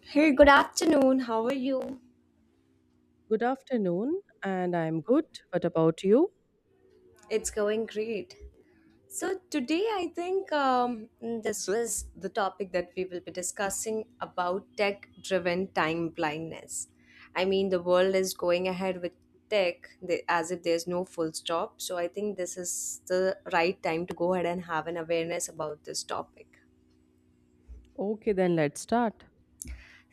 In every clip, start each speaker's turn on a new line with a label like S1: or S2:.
S1: Hey, good afternoon. How are you?
S2: Good afternoon, and I'm good. What about you?
S1: It's going great. So, today I think this was the topic that we will be discussing about tech driven time blindness. I mean, the world is going ahead with tech as if there's no full stop. So, I think this is the right time to go ahead and have an awareness about this topic.
S2: Okay, then let's start.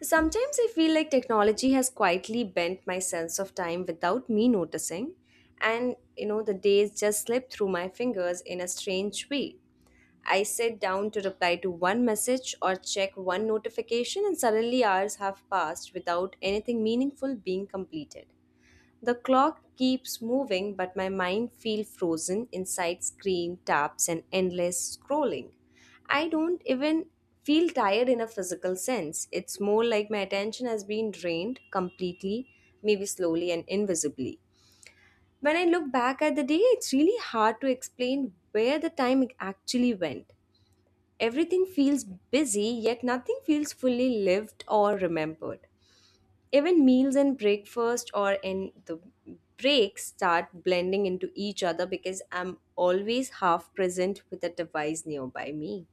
S1: Sometimes I feel like technology has quietly bent my sense of time without me noticing, and you know, the days just slip through my fingers in a strange way. I sit down to reply to one message or check one notification, and suddenly hours have passed without anything meaningful being completed. The clock keeps moving, but my mind feels frozen inside screen taps and endless scrolling. I don't even feel tired in a physical sense. It's more like my attention has been drained completely, maybe slowly and invisibly. When I look back at the day, it's really hard to explain where the time actually went. Everything feels busy, yet nothing feels fully lived or remembered. Even meals and breakfast or in the breaks start blending into each other because I'm always half present with a device nearby me.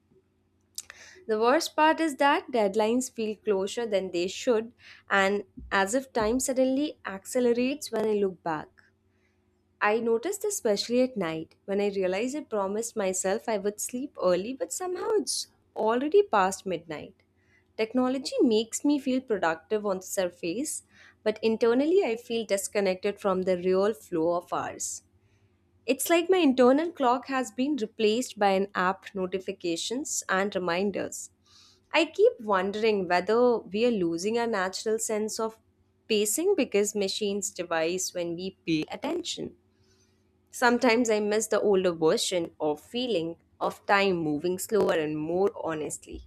S1: The worst part is that deadlines feel closer than they should, and as if time suddenly accelerates when I look back. I noticed this especially at night when I realized I promised myself I would sleep early, but somehow it's already past midnight. Technology makes me feel productive on the surface, but internally I feel disconnected from the real flow of hours. It's like my internal clock has been replaced by an app notifications and reminders. I keep wondering whether we are losing our natural sense of pacing because machines devise when we pay attention. Sometimes I miss the older version of feeling of time moving slower and more honestly.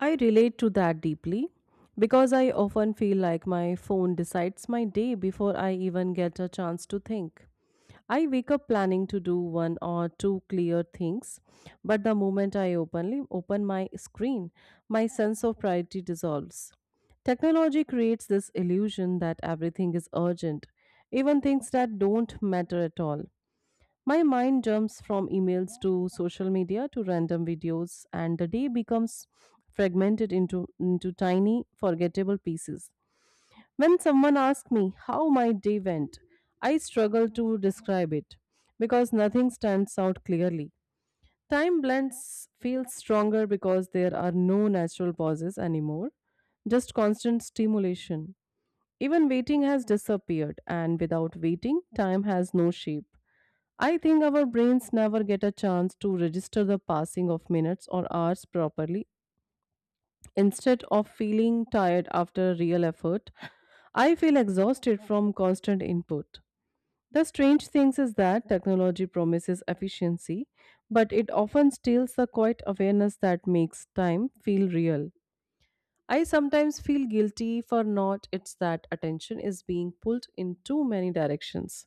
S2: I relate to that deeply because I often feel like my phone decides my day before I even get a chance to think. I wake up planning to do one or two clear things, but the moment I openly open my screen, my sense of priority dissolves. Technology creates this illusion that everything is urgent, even things that don't matter at all. My mind jumps from emails to social media to random videos, and the day becomes fragmented into tiny, forgettable pieces. When someone asks me how my day went, I struggle to describe it because nothing stands out clearly. Time blends feels stronger because there are no natural pauses anymore, just constant stimulation. Even waiting has disappeared, and without waiting, time has no shape. I think our brains never get a chance to register the passing of minutes or hours properly. Instead of feeling tired after real effort, I feel exhausted from constant input. The strange thing is that technology promises efficiency, but it often steals the quiet awareness that makes time feel real. I sometimes feel guilty for not it's that attention is being pulled in too many directions.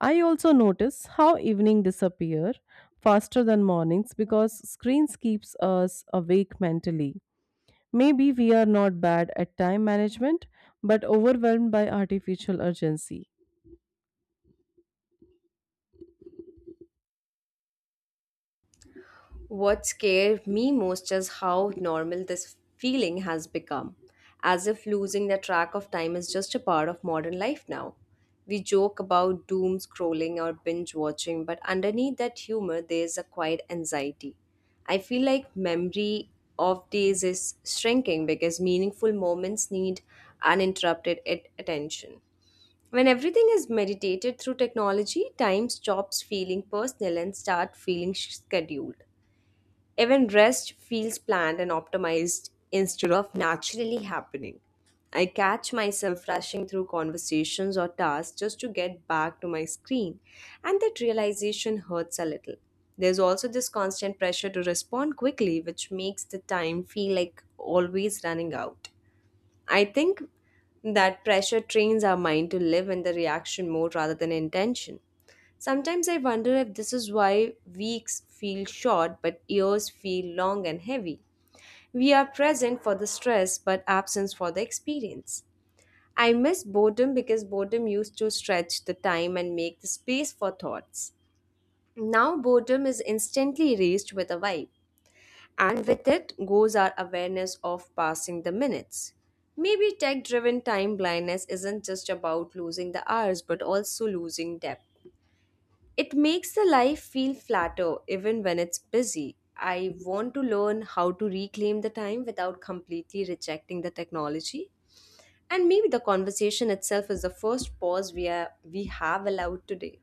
S2: I also notice how evening disappear faster than mornings because screens keeps us awake mentally. Maybe we are not bad at time management but overwhelmed by artificial urgency.
S1: What scared me most is how normal this feeling has become, as if losing the track of time is just a part of modern life now. We joke about doom scrolling or binge watching, but underneath that humor, there's a quiet anxiety. I feel like memory of days is shrinking because meaningful moments need uninterrupted attention. When everything is meditated through technology, time stops feeling personal and start feeling scheduled. Even rest feels planned and optimized instead of naturally happening. I catch myself rushing through conversations or tasks just to get back to my screen, and that realization hurts a little. There's also this constant pressure to respond quickly, which makes the time feel like always running out. I think that pressure trains our mind to live in the reaction mode rather than intention. Sometimes I wonder if this is why weeks feel short but years feel long and heavy. We are present for the stress but absent for the experience. I miss boredom because boredom used to stretch the time and make the space for thoughts. Now boredom is instantly erased with a vibe, and with it goes our awareness of passing the minutes. Maybe tech driven time blindness isn't just about losing the hours but also losing depth. It makes the life feel flatter even when it's busy. I want to learn how to reclaim the time without completely rejecting the technology. And maybe the conversation itself is the first pause we have allowed today.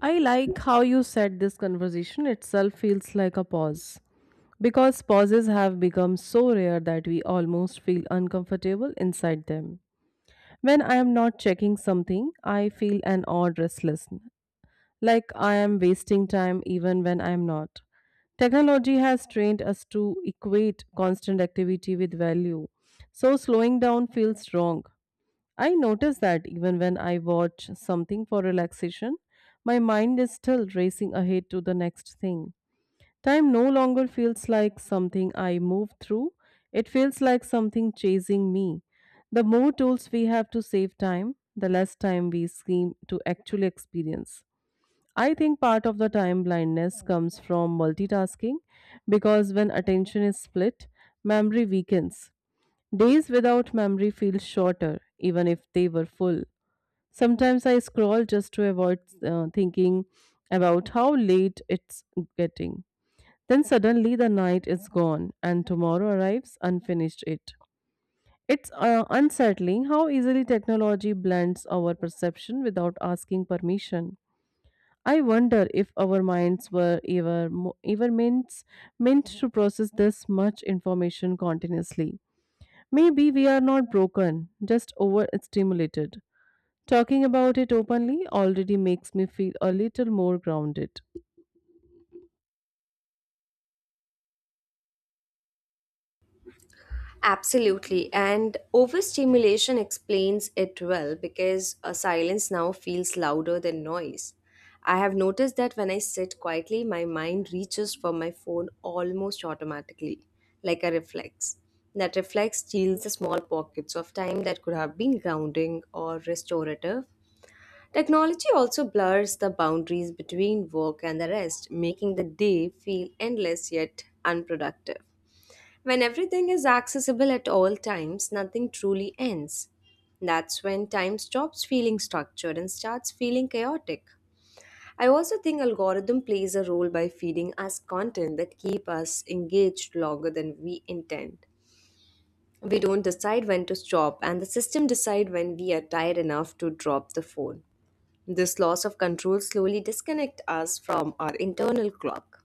S2: I like how you said this conversation itself feels like a pause because pauses have become so rare that we almost feel uncomfortable inside them. When I am not checking something, I feel an odd restlessness, like I am wasting time even when I am not. Technology has trained us to equate constant activity with value, so slowing down feels wrong. I notice that even when I watch something for relaxation, my mind is still racing ahead to the next thing. Time no longer feels like something I move through, it feels like something chasing me. The more tools we have to save time, the less time we seem to actually experience. I think part of the time blindness comes from multitasking because when attention is split, memory weakens. Days without memory feel shorter, even if they were full. Sometimes I scroll just to avoid thinking about how late it's getting. Then suddenly the night is gone and tomorrow arrives unfinished it. It's unsettling how easily technology blends our perception without asking permission. I wonder if our minds were ever meant to process this much information continuously. Maybe we are not broken, just overstimulated. Talking about it openly already makes me feel a little more grounded.
S1: Absolutely. And overstimulation explains it well because a silence now feels louder than noise. I have noticed that when I sit quietly, my mind reaches for my phone almost automatically, like a reflex. That reflex steals the small pockets of time that could have been grounding or restorative. Technology also blurs the boundaries between work and the rest, making the day feel endless yet unproductive. When everything is accessible at all times, nothing truly ends. That's when time stops feeling structured and starts feeling chaotic. I also think algorithm plays a role by feeding us content that keep us engaged longer than we intend. We don't decide when to stop and the system decide when we are tired enough to drop the phone. This loss of control slowly disconnect us from our internal clock.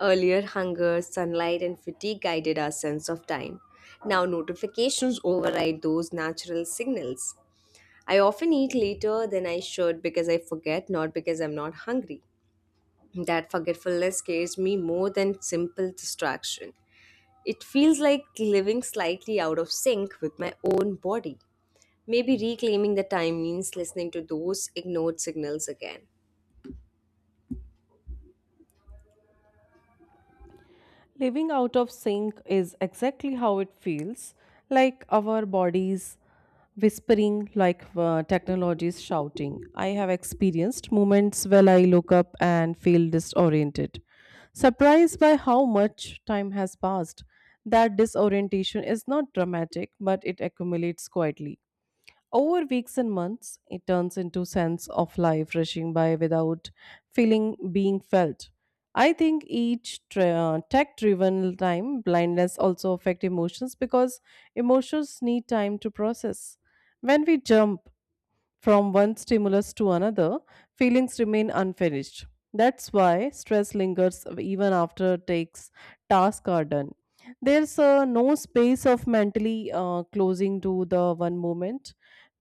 S1: Earlier, hunger, sunlight, and fatigue guided our sense of time. Now, notifications override those natural signals. I often eat later than I should because I forget, not because I'm not hungry. That forgetfulness scares me more than simple distraction. It feels like living slightly out of sync with my own body. Maybe reclaiming the time means listening to those ignored signals again.
S2: Living out of sync is exactly how it feels, like our bodies whispering, like technologies shouting. I have experienced moments where I look up and feel disoriented, surprised by how much time has passed. That disorientation is not dramatic, but it accumulates quietly. Over weeks and months, it turns into sense of life rushing by without feeling being felt. I think tech-driven time blindness also affect emotions because emotions need time to process. When we jump from one stimulus to another, feelings remain unfinished. That's why stress lingers even after takes tasks are done. There's no space of mentally closing to the one moment,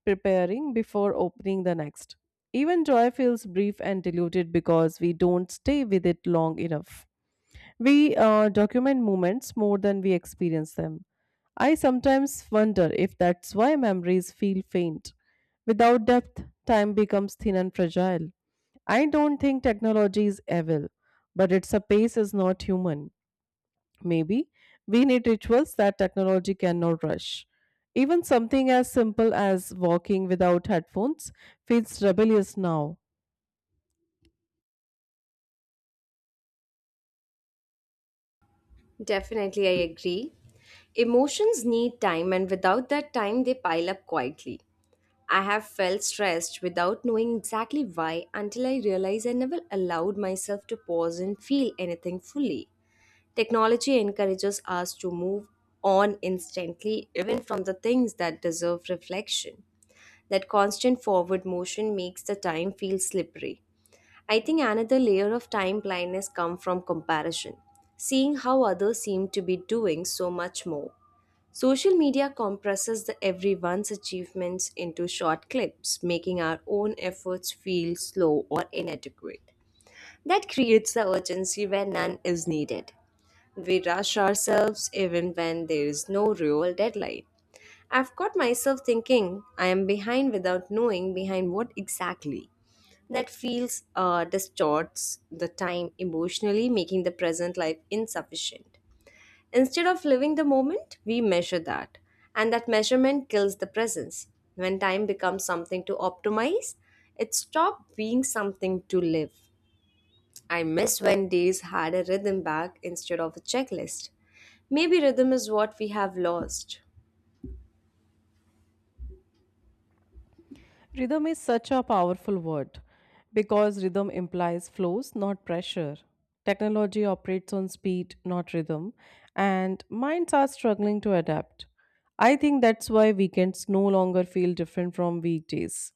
S2: preparing before opening the next. Even joy feels brief and diluted because we don't stay with it long enough. We document moments more than we experience them. I sometimes wonder if that's why memories feel faint. Without depth, time becomes thin and fragile. I don't think technology is evil, but its pace is not human. Maybe we need rituals that technology cannot rush. Even something as simple as walking without headphones feels rebellious now.
S1: Definitely, I agree. Emotions need time, and without that time, they pile up quietly. I have felt stressed without knowing exactly why until I realized I never allowed myself to pause and feel anything fully. Technology encourages us to move on instantly, even from the things that deserve reflection. That constant forward motion makes the time feel slippery. I think another layer of time blindness comes from comparison, seeing how others seem to be doing so much more. Social media compresses the everyone's achievements into short clips, making our own efforts feel slow or inadequate. That creates the urgency where none is needed. We rush ourselves even when there is no real deadline. I've caught myself thinking I am behind without knowing behind what exactly. That feels distorts the time emotionally, making the present life insufficient. Instead of living the moment, we measure that, and that measurement kills the presence. When time becomes something to optimize, it stops being something to live. I miss when days had a rhythm back instead of a checklist. Maybe rhythm is what we have lost.
S2: Rhythm is such a powerful word because rhythm implies flows, not pressure. Technology operates on speed, not rhythm, and minds are struggling to adapt. I think that's why weekends no longer feel different from weekdays.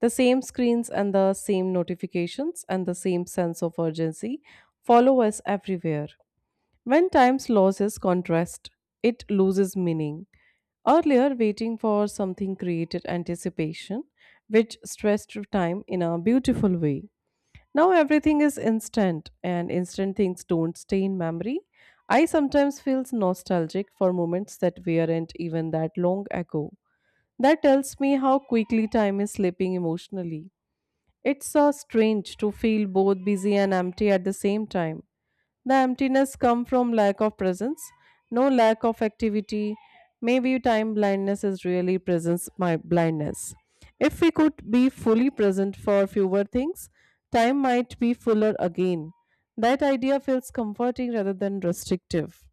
S2: The same screens and the same notifications and the same sense of urgency follow us everywhere. When time loses contrast, it loses meaning. Earlier, waiting for something created anticipation, which stressed time in a beautiful way. Now everything is instant, and instant things don't stay in memory. I sometimes feel nostalgic for moments that weren't even that long ago. That tells me how quickly time is slipping emotionally. It's strange to feel both busy and empty at the same time. The emptiness comes from lack of presence, no lack of activity. Maybe time blindness is really presence my blindness. If we could be fully present for fewer things, time might be fuller again. That idea feels comforting rather than restrictive.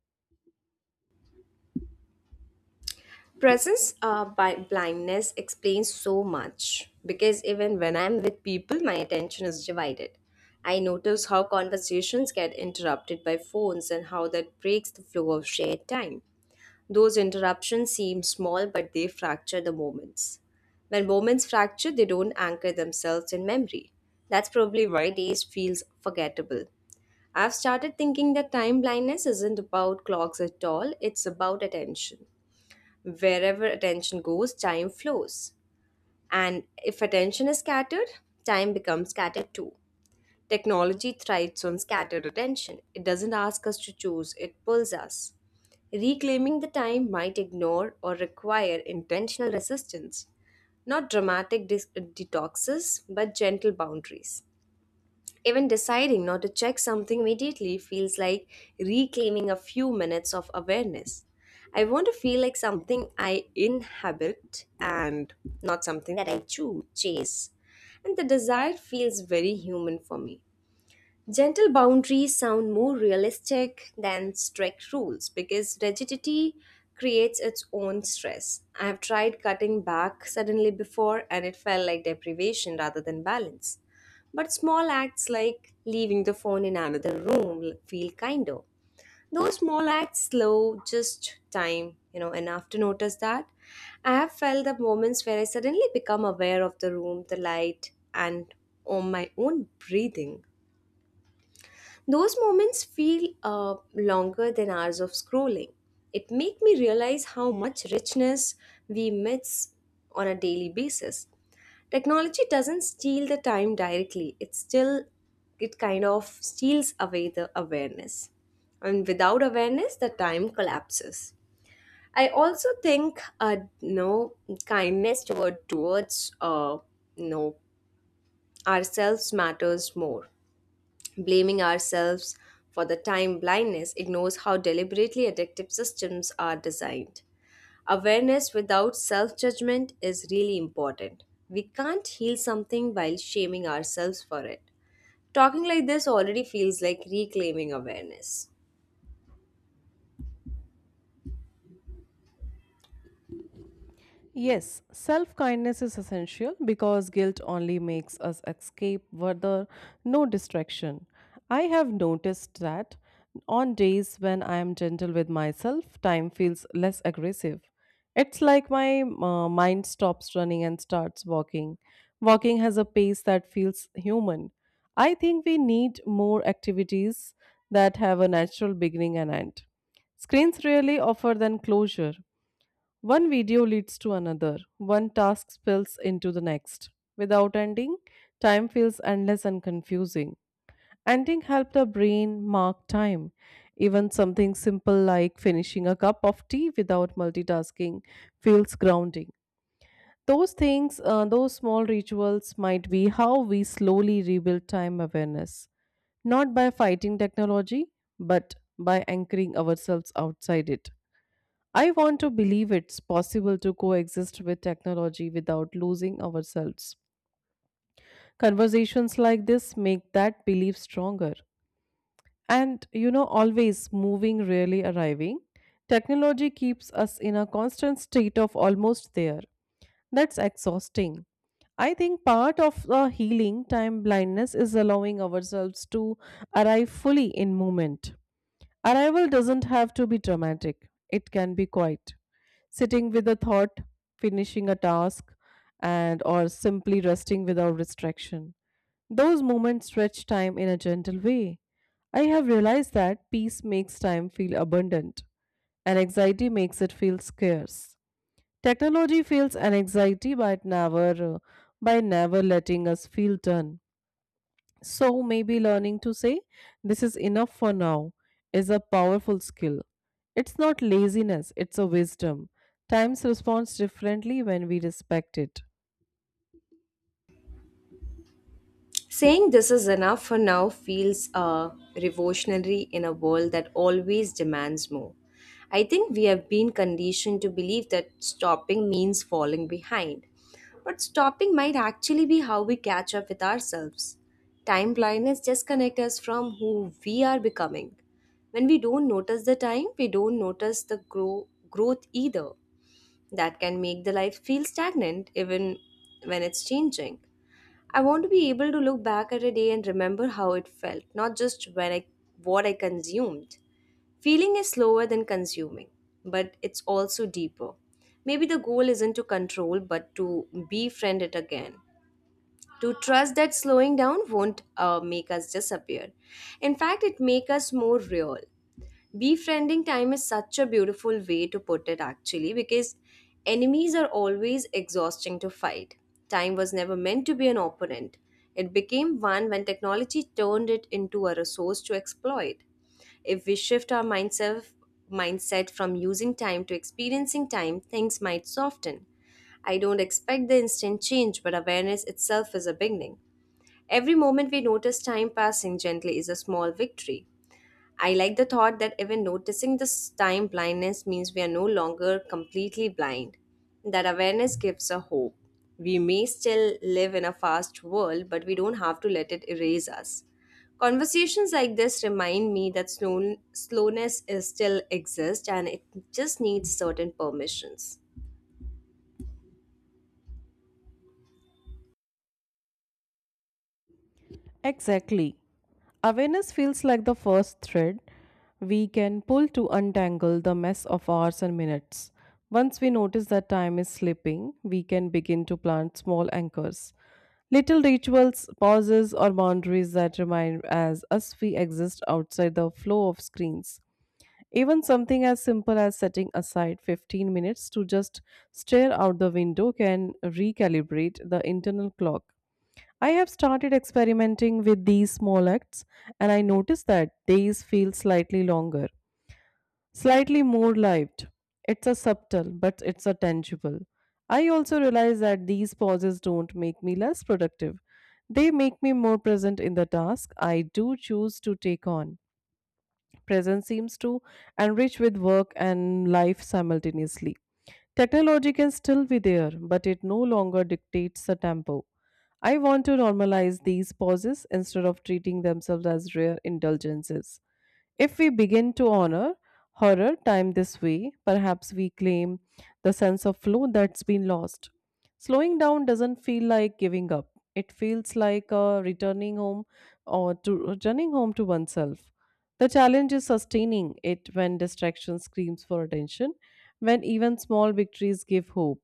S1: Presence by blindness explains so much because even when I'm with people, my attention is divided. I notice how conversations get interrupted by phones and how that breaks the flow of shared time. Those interruptions seem small, but they fracture the moments. When moments fracture, they don't anchor themselves in memory. That's probably why days feels forgettable. I've started thinking that time blindness isn't about clocks at all, it's about attention. Wherever attention goes, time flows. And if attention is scattered, time becomes scattered too. Technology thrives on scattered attention. It doesn't ask us to choose, it pulls us. Reclaiming the time might ignore or require intentional resistance, not dramatic detoxes, but gentle boundaries. Even deciding not to check something immediately feels like reclaiming a few minutes of awareness. I want to feel like something I inhabit and not something that I chase. And the desire feels very human for me. Gentle boundaries sound more realistic than strict rules because rigidity creates its own stress. I have tried cutting back suddenly before and it felt like deprivation rather than balance. But small acts like leaving the phone in another room feel kinder. Those small acts slow just time, enough to notice that. I have felt the moments where I suddenly become aware of the room, the light, and on my own breathing. Those moments feel longer than hours of scrolling. It make me realize how much richness we miss on a daily basis. Technology doesn't steal the time directly. It still it kind of steals away the awareness. And without awareness, the time collapses. I also think no kindness toward towards no ourselves matters more. Blaming ourselves for the time blindness ignores how deliberately addictive systems are designed. Awareness without self judgment is really important. We can't heal something while shaming ourselves for it. Talking like this already feels like reclaiming awareness.
S2: Yes, self kindness is essential because guilt only makes us escape where there no distraction. I have noticed that on days when I am gentle with myself, time feels less aggressive. It's like my mind stops running and starts walking. Walking has a pace that feels human. I think we need more activities that have a natural beginning and end. Screens really offer than closure. One video leads to another, one task spills into the next. Without ending, time feels endless and confusing. Ending helps the brain mark time. Even something simple like finishing a cup of tea without multitasking feels grounding. Those small rituals might be how we slowly rebuild time awareness, not by fighting technology, but by anchoring ourselves outside it. I want to believe it's possible to coexist with technology without losing ourselves. Conversations like this make that belief stronger. And you know, always moving, rarely arriving, technology keeps us in a constant state of almost there. That's exhausting. I think part of the healing time blindness is allowing ourselves to arrive fully in moment. Arrival doesn't have to be dramatic, it can be quiet, sitting with a thought, finishing a task, and or simply resting without restriction. Those moments stretch time in a gentle way. I have realized that peace makes time feel abundant and anxiety makes it feel scarce. Technology feels an anxiety by it never by never letting us feel done. So maybe learning to say, "This is enough for now," is a powerful skill. It's not laziness, it's a wisdom. Times responds differently when we respect it.
S1: Saying this is enough for now feels revolutionary in a world that always demands more. I think we have been conditioned to believe that stopping means falling behind. But stopping might actually be how we catch up with ourselves. Time blindness disconnects us from who we are becoming. When we don't notice the time, we don't notice the growth either. That can make the life feel stagnant even when it's changing. I want to be able to look back at a day and remember how it felt, not just when I what I consumed. Feeling is slower than consuming, but it's also deeper. Maybe the goal isn't to control but to befriend it again. To trust that slowing down won't make us disappear. In fact, it make us more real. Befriending time is such a beautiful way to put it, actually, because enemies are always exhausting to fight. Time was never meant to be an opponent. It became one when technology turned it into a resource to exploit. If we shift our mindset from using time to experiencing time, things might soften. I don't expect the instant change, but awareness itself is a beginning. Every moment we notice time passing gently is a small victory. I like the thought that even noticing this time blindness means we are no longer completely blind. That awareness gives a hope. We may still live in a fast world, but we don't have to let it erase us. Conversations like this remind me that slowness is still exists and it just needs certain permissions.
S2: Exactly. Awareness feels like the first thread we can pull to untangle the mess of hours and minutes. Once we notice that time is slipping, we can begin to plant small anchors. Little rituals, pauses, or boundaries that remind as us we exist outside the flow of screens. Even something as simple as setting aside 15 minutes to just stare out the window can recalibrate the internal clock. I have started experimenting with these small acts and I notice that days feel slightly longer, slightly more lived. It's a subtle, but it's a tangible. I also realize that these pauses don't make me less productive. They make me more present in the task I do choose to take on. Presence seems to enrich with work and life simultaneously. Technology can still be there, but it no longer dictates the tempo. I want to normalize these pauses instead of treating themselves as rare indulgences. If we begin to honor horror time this way, perhaps we claim the sense of flow that's been lost. Slowing down doesn't feel like giving up. It feels like returning home or to returning home to oneself. The challenge is sustaining it when distraction screams for attention, when even small victories give hope.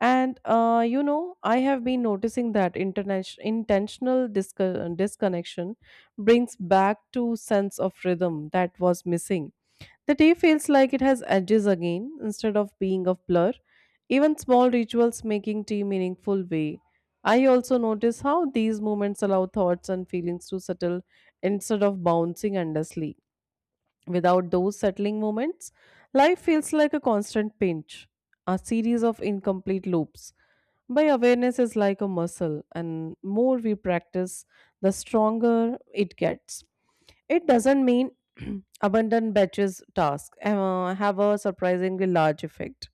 S2: I have been noticing that international intentional disconnection brings back to sense of rhythm that was missing. The day feels like it has edges again instead of being a blur. Even small rituals making tea meaningful way. I also notice how these moments allow thoughts and feelings to settle instead of bouncing endlessly. Without those settling moments, life feels like a constant pinch, a series of incomplete loops. By awareness is like a muscle, and more we practice, the stronger it gets. It doesn't mean abandon batches task have a surprisingly large effect.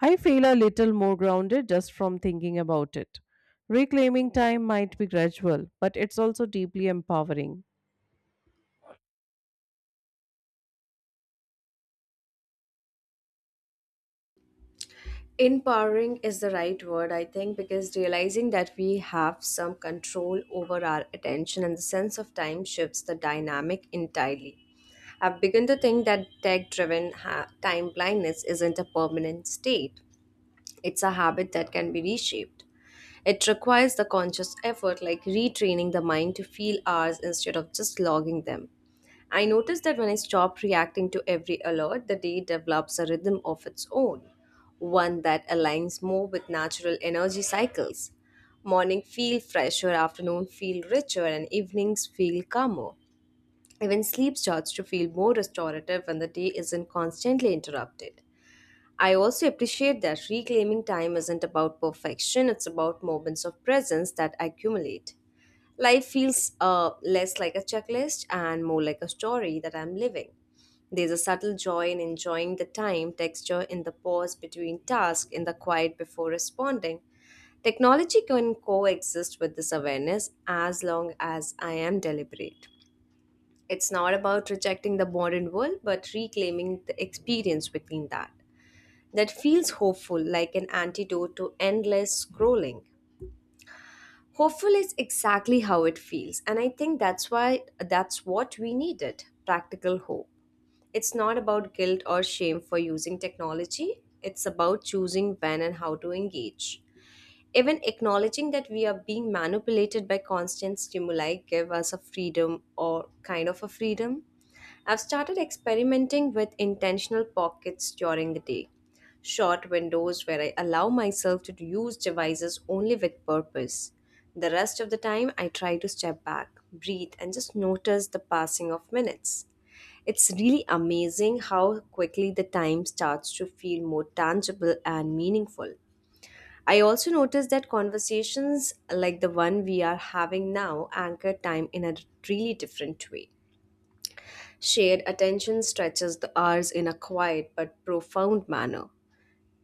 S2: I feel a little more grounded just from thinking about it. Reclaiming time might be gradual, but it's also deeply empowering.
S1: Empowering is the right word, I think, because realizing that we have some control over our attention and the sense of time shifts the dynamic entirely. I've begun to think that tech driven time blindness isn't a permanent state, it's a habit that can be reshaped. It requires the conscious effort, like retraining the mind to feel hours instead of just logging them. I noticed that when I stop reacting to every alert, the day develops a rhythm of its own, one that aligns more with natural energy cycles. Morning feel fresher, afternoon feel richer, and evenings feel calmer. Even sleep starts to feel more restorative when the day isn't constantly interrupted. I also appreciate that reclaiming time isn't about perfection, it's about moments of presence that accumulate. Life feels less like a checklist and more like a story that I'm living. There's a subtle joy in enjoying the time, texture in the pause between tasks, in the quiet before responding. Technology can coexist with this awareness as long as I am deliberate. It's not about rejecting the modern world, but reclaiming the experience within that. That feels hopeful, like an antidote to endless scrolling. Hopeful is exactly how it feels, and I think that's why that's what we needed practical hope. It's not about guilt or shame for using technology, it's about choosing when and how to engage. Even acknowledging that we are being manipulated by constant stimuli give us a freedom or kind of a freedom. I've started experimenting with intentional pockets during the day. Short windows where I allow myself to use devices only with purpose. The rest of the time, I try to step back, breathe, and just notice the passing of minutes. It's really amazing how quickly the time starts to feel more tangible and meaningful. I also noticed that conversations like the one we are having now anchor time in a really different way. Shared attention stretches the hours in a quiet but profound manner.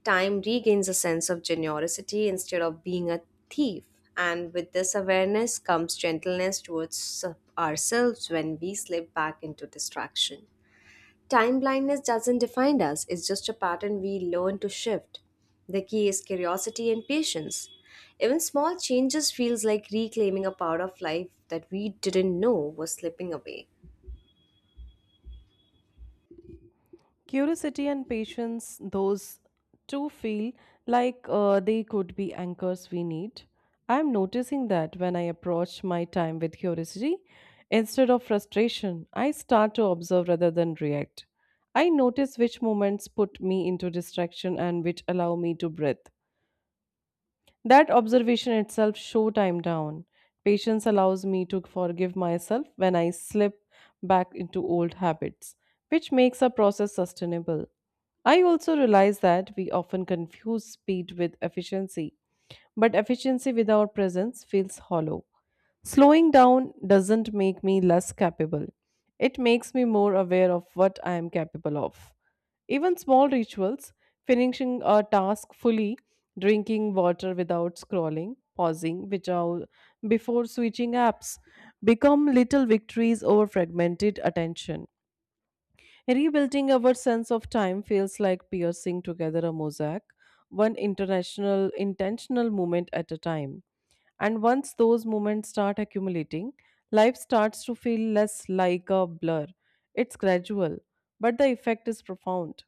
S1: Time regains a sense of generosity instead of being a thief. And with this awareness comes gentleness towards ourselves when we slip back into distraction. Time blindness doesn't define us, it's just a pattern we learn to shift. The key is curiosity and patience. Even small changes feels like reclaiming a part of life that we didn't know was slipping away.
S2: Curiosity and patience, those two feel like they could be anchors we need. I'm noticing that when I approach my time with curiosity instead of frustration, I start to observe rather than react. I notice which moments put me into distraction and which allow me to breathe. That observation itself show time down. Patience allows me to forgive myself when I slip back into old habits, which makes our process sustainable. I also realize that we often confuse speed with efficiency, but efficiency without presence feels hollow. Slowing down doesn't make me less capable. It makes me more aware of what I am capable of. Even small rituals, finishing a task fully, drinking water without scrolling, pausing which are before switching apps, become little victories over fragmented attention. Rebuilding our sense of time feels like piercing together a mosaic, one international intentional moment at a time. And once those moments start accumulating, life starts to feel less like a blur. It's gradual, but the effect is profound.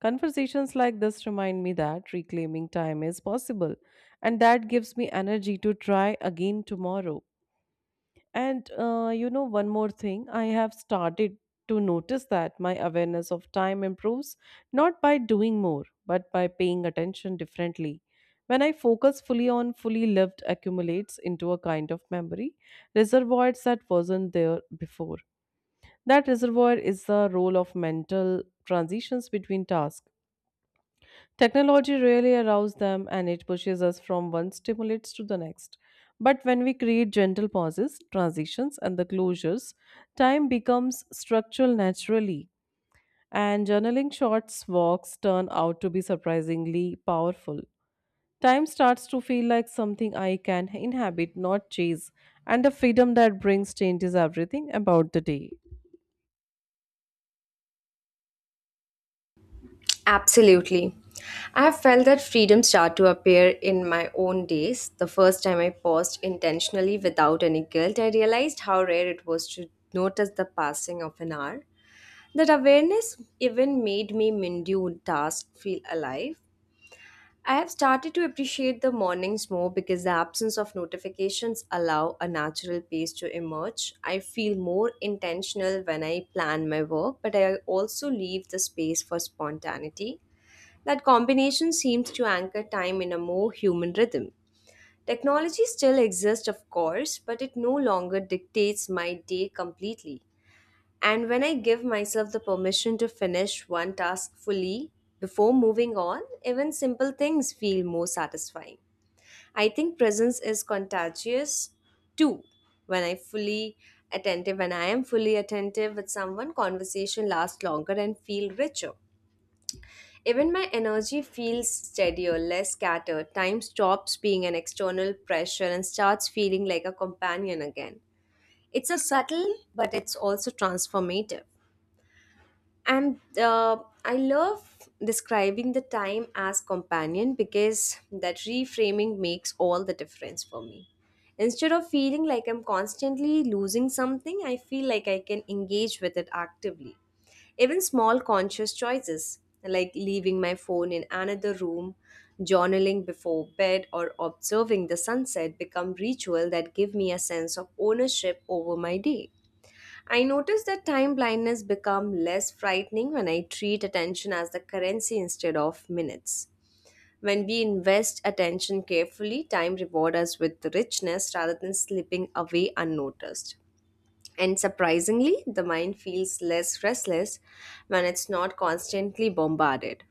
S2: Conversations like this remind me that reclaiming time is possible, and that gives me energy to try again tomorrow. One more thing, I have started to notice that my awareness of time improves not by doing more, but by paying attention differently. When I focus fully on fully lived accumulates into a kind of memory, reservoirs that wasn't there before. That reservoir is the role of mental transitions between tasks. Technology really arouses them and it pushes us from one stimulus to the next. But when we create gentle pauses, transitions, and the closures, time becomes structural naturally. And journaling shorts walks turn out to be surprisingly powerful. Time starts to feel like something I can inhabit, not chase, and the freedom that brings changes everything about the day.
S1: Absolutely. I have felt that freedom start to appear in my own days. The first time I paused intentionally without any guilt, I realized how rare it was to notice the passing of an hour. That awareness even made me mundane tasks feel alive. I have started to appreciate the mornings more because the absence of notifications allow a natural pace to emerge. I feel more intentional when I plan my work, but I also leave the space for spontaneity. That combination seems to anchor time in a more human rhythm. Technology still exists, of course, but it no longer dictates my day completely. And when I give myself the permission to finish one task fully before moving on, even simple things feel more satisfying. I think presence is contagious too. When I fully attentive, when I am fully attentive with someone, conversation lasts longer and feel richer. Even my energy feels steadier, less scattered. Time stops being an external pressure and starts feeling like a companion again. It's a subtle, but it's also transformative. And I love describing the time as companion because that reframing makes all the difference for me. Instead of feeling like I'm constantly losing something, I feel like I can engage with it actively. Even small conscious choices like leaving my phone in another room, journaling before bed, or observing the sunset become ritual that give me a sense of ownership over my day. I notice that time blindness become less frightening when I treat attention as the currency instead of minutes. When we invest attention carefully, time reward us with richness rather than slipping away unnoticed. And surprisingly, the mind feels less restless when it's not constantly bombarded.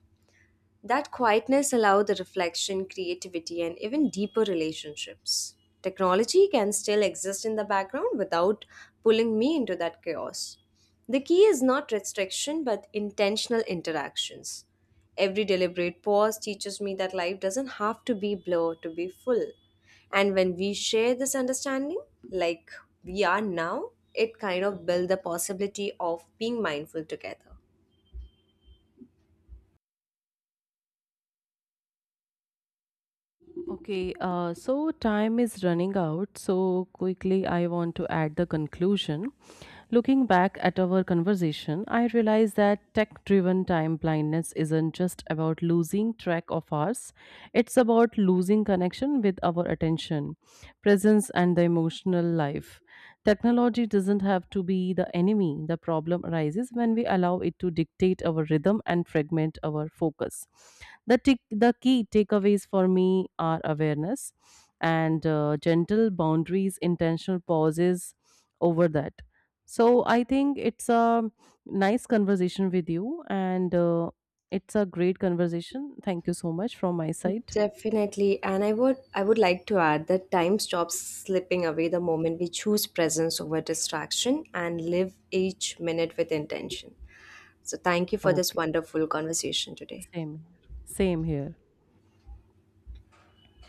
S1: That quietness allows the reflection, creativity, and even deeper relationships. Technology can still exist in the background without pulling me into that chaos. The key is not restriction but intentional interactions. Every deliberate pause teaches me that life doesn't have to be blur to be full. And when we share this understanding, like we are now, it kind of builds the possibility of being mindful together.
S2: Okay, so time is running out. So quickly, I want to add the conclusion. Looking back at our conversation, I realized that tech driven time blindness isn't just about losing track of ours, it's about losing connection with our attention, presence, and the emotional life. Technology doesn't have to be the enemy. The problem arises when we allow it to dictate our rhythm and fragment our focus. The key takeaways for me are awareness and gentle boundaries, intentional pauses over that. So I think it's a nice conversation with you, and it's a great conversation. Thank you so much from my side.
S1: Definitely, and I would like to add that time stops slipping away the moment we choose presence over distraction and live each minute with intention. So thank you for this
S2: Okay,
S1: wonderful conversation today.
S2: same here. Same here.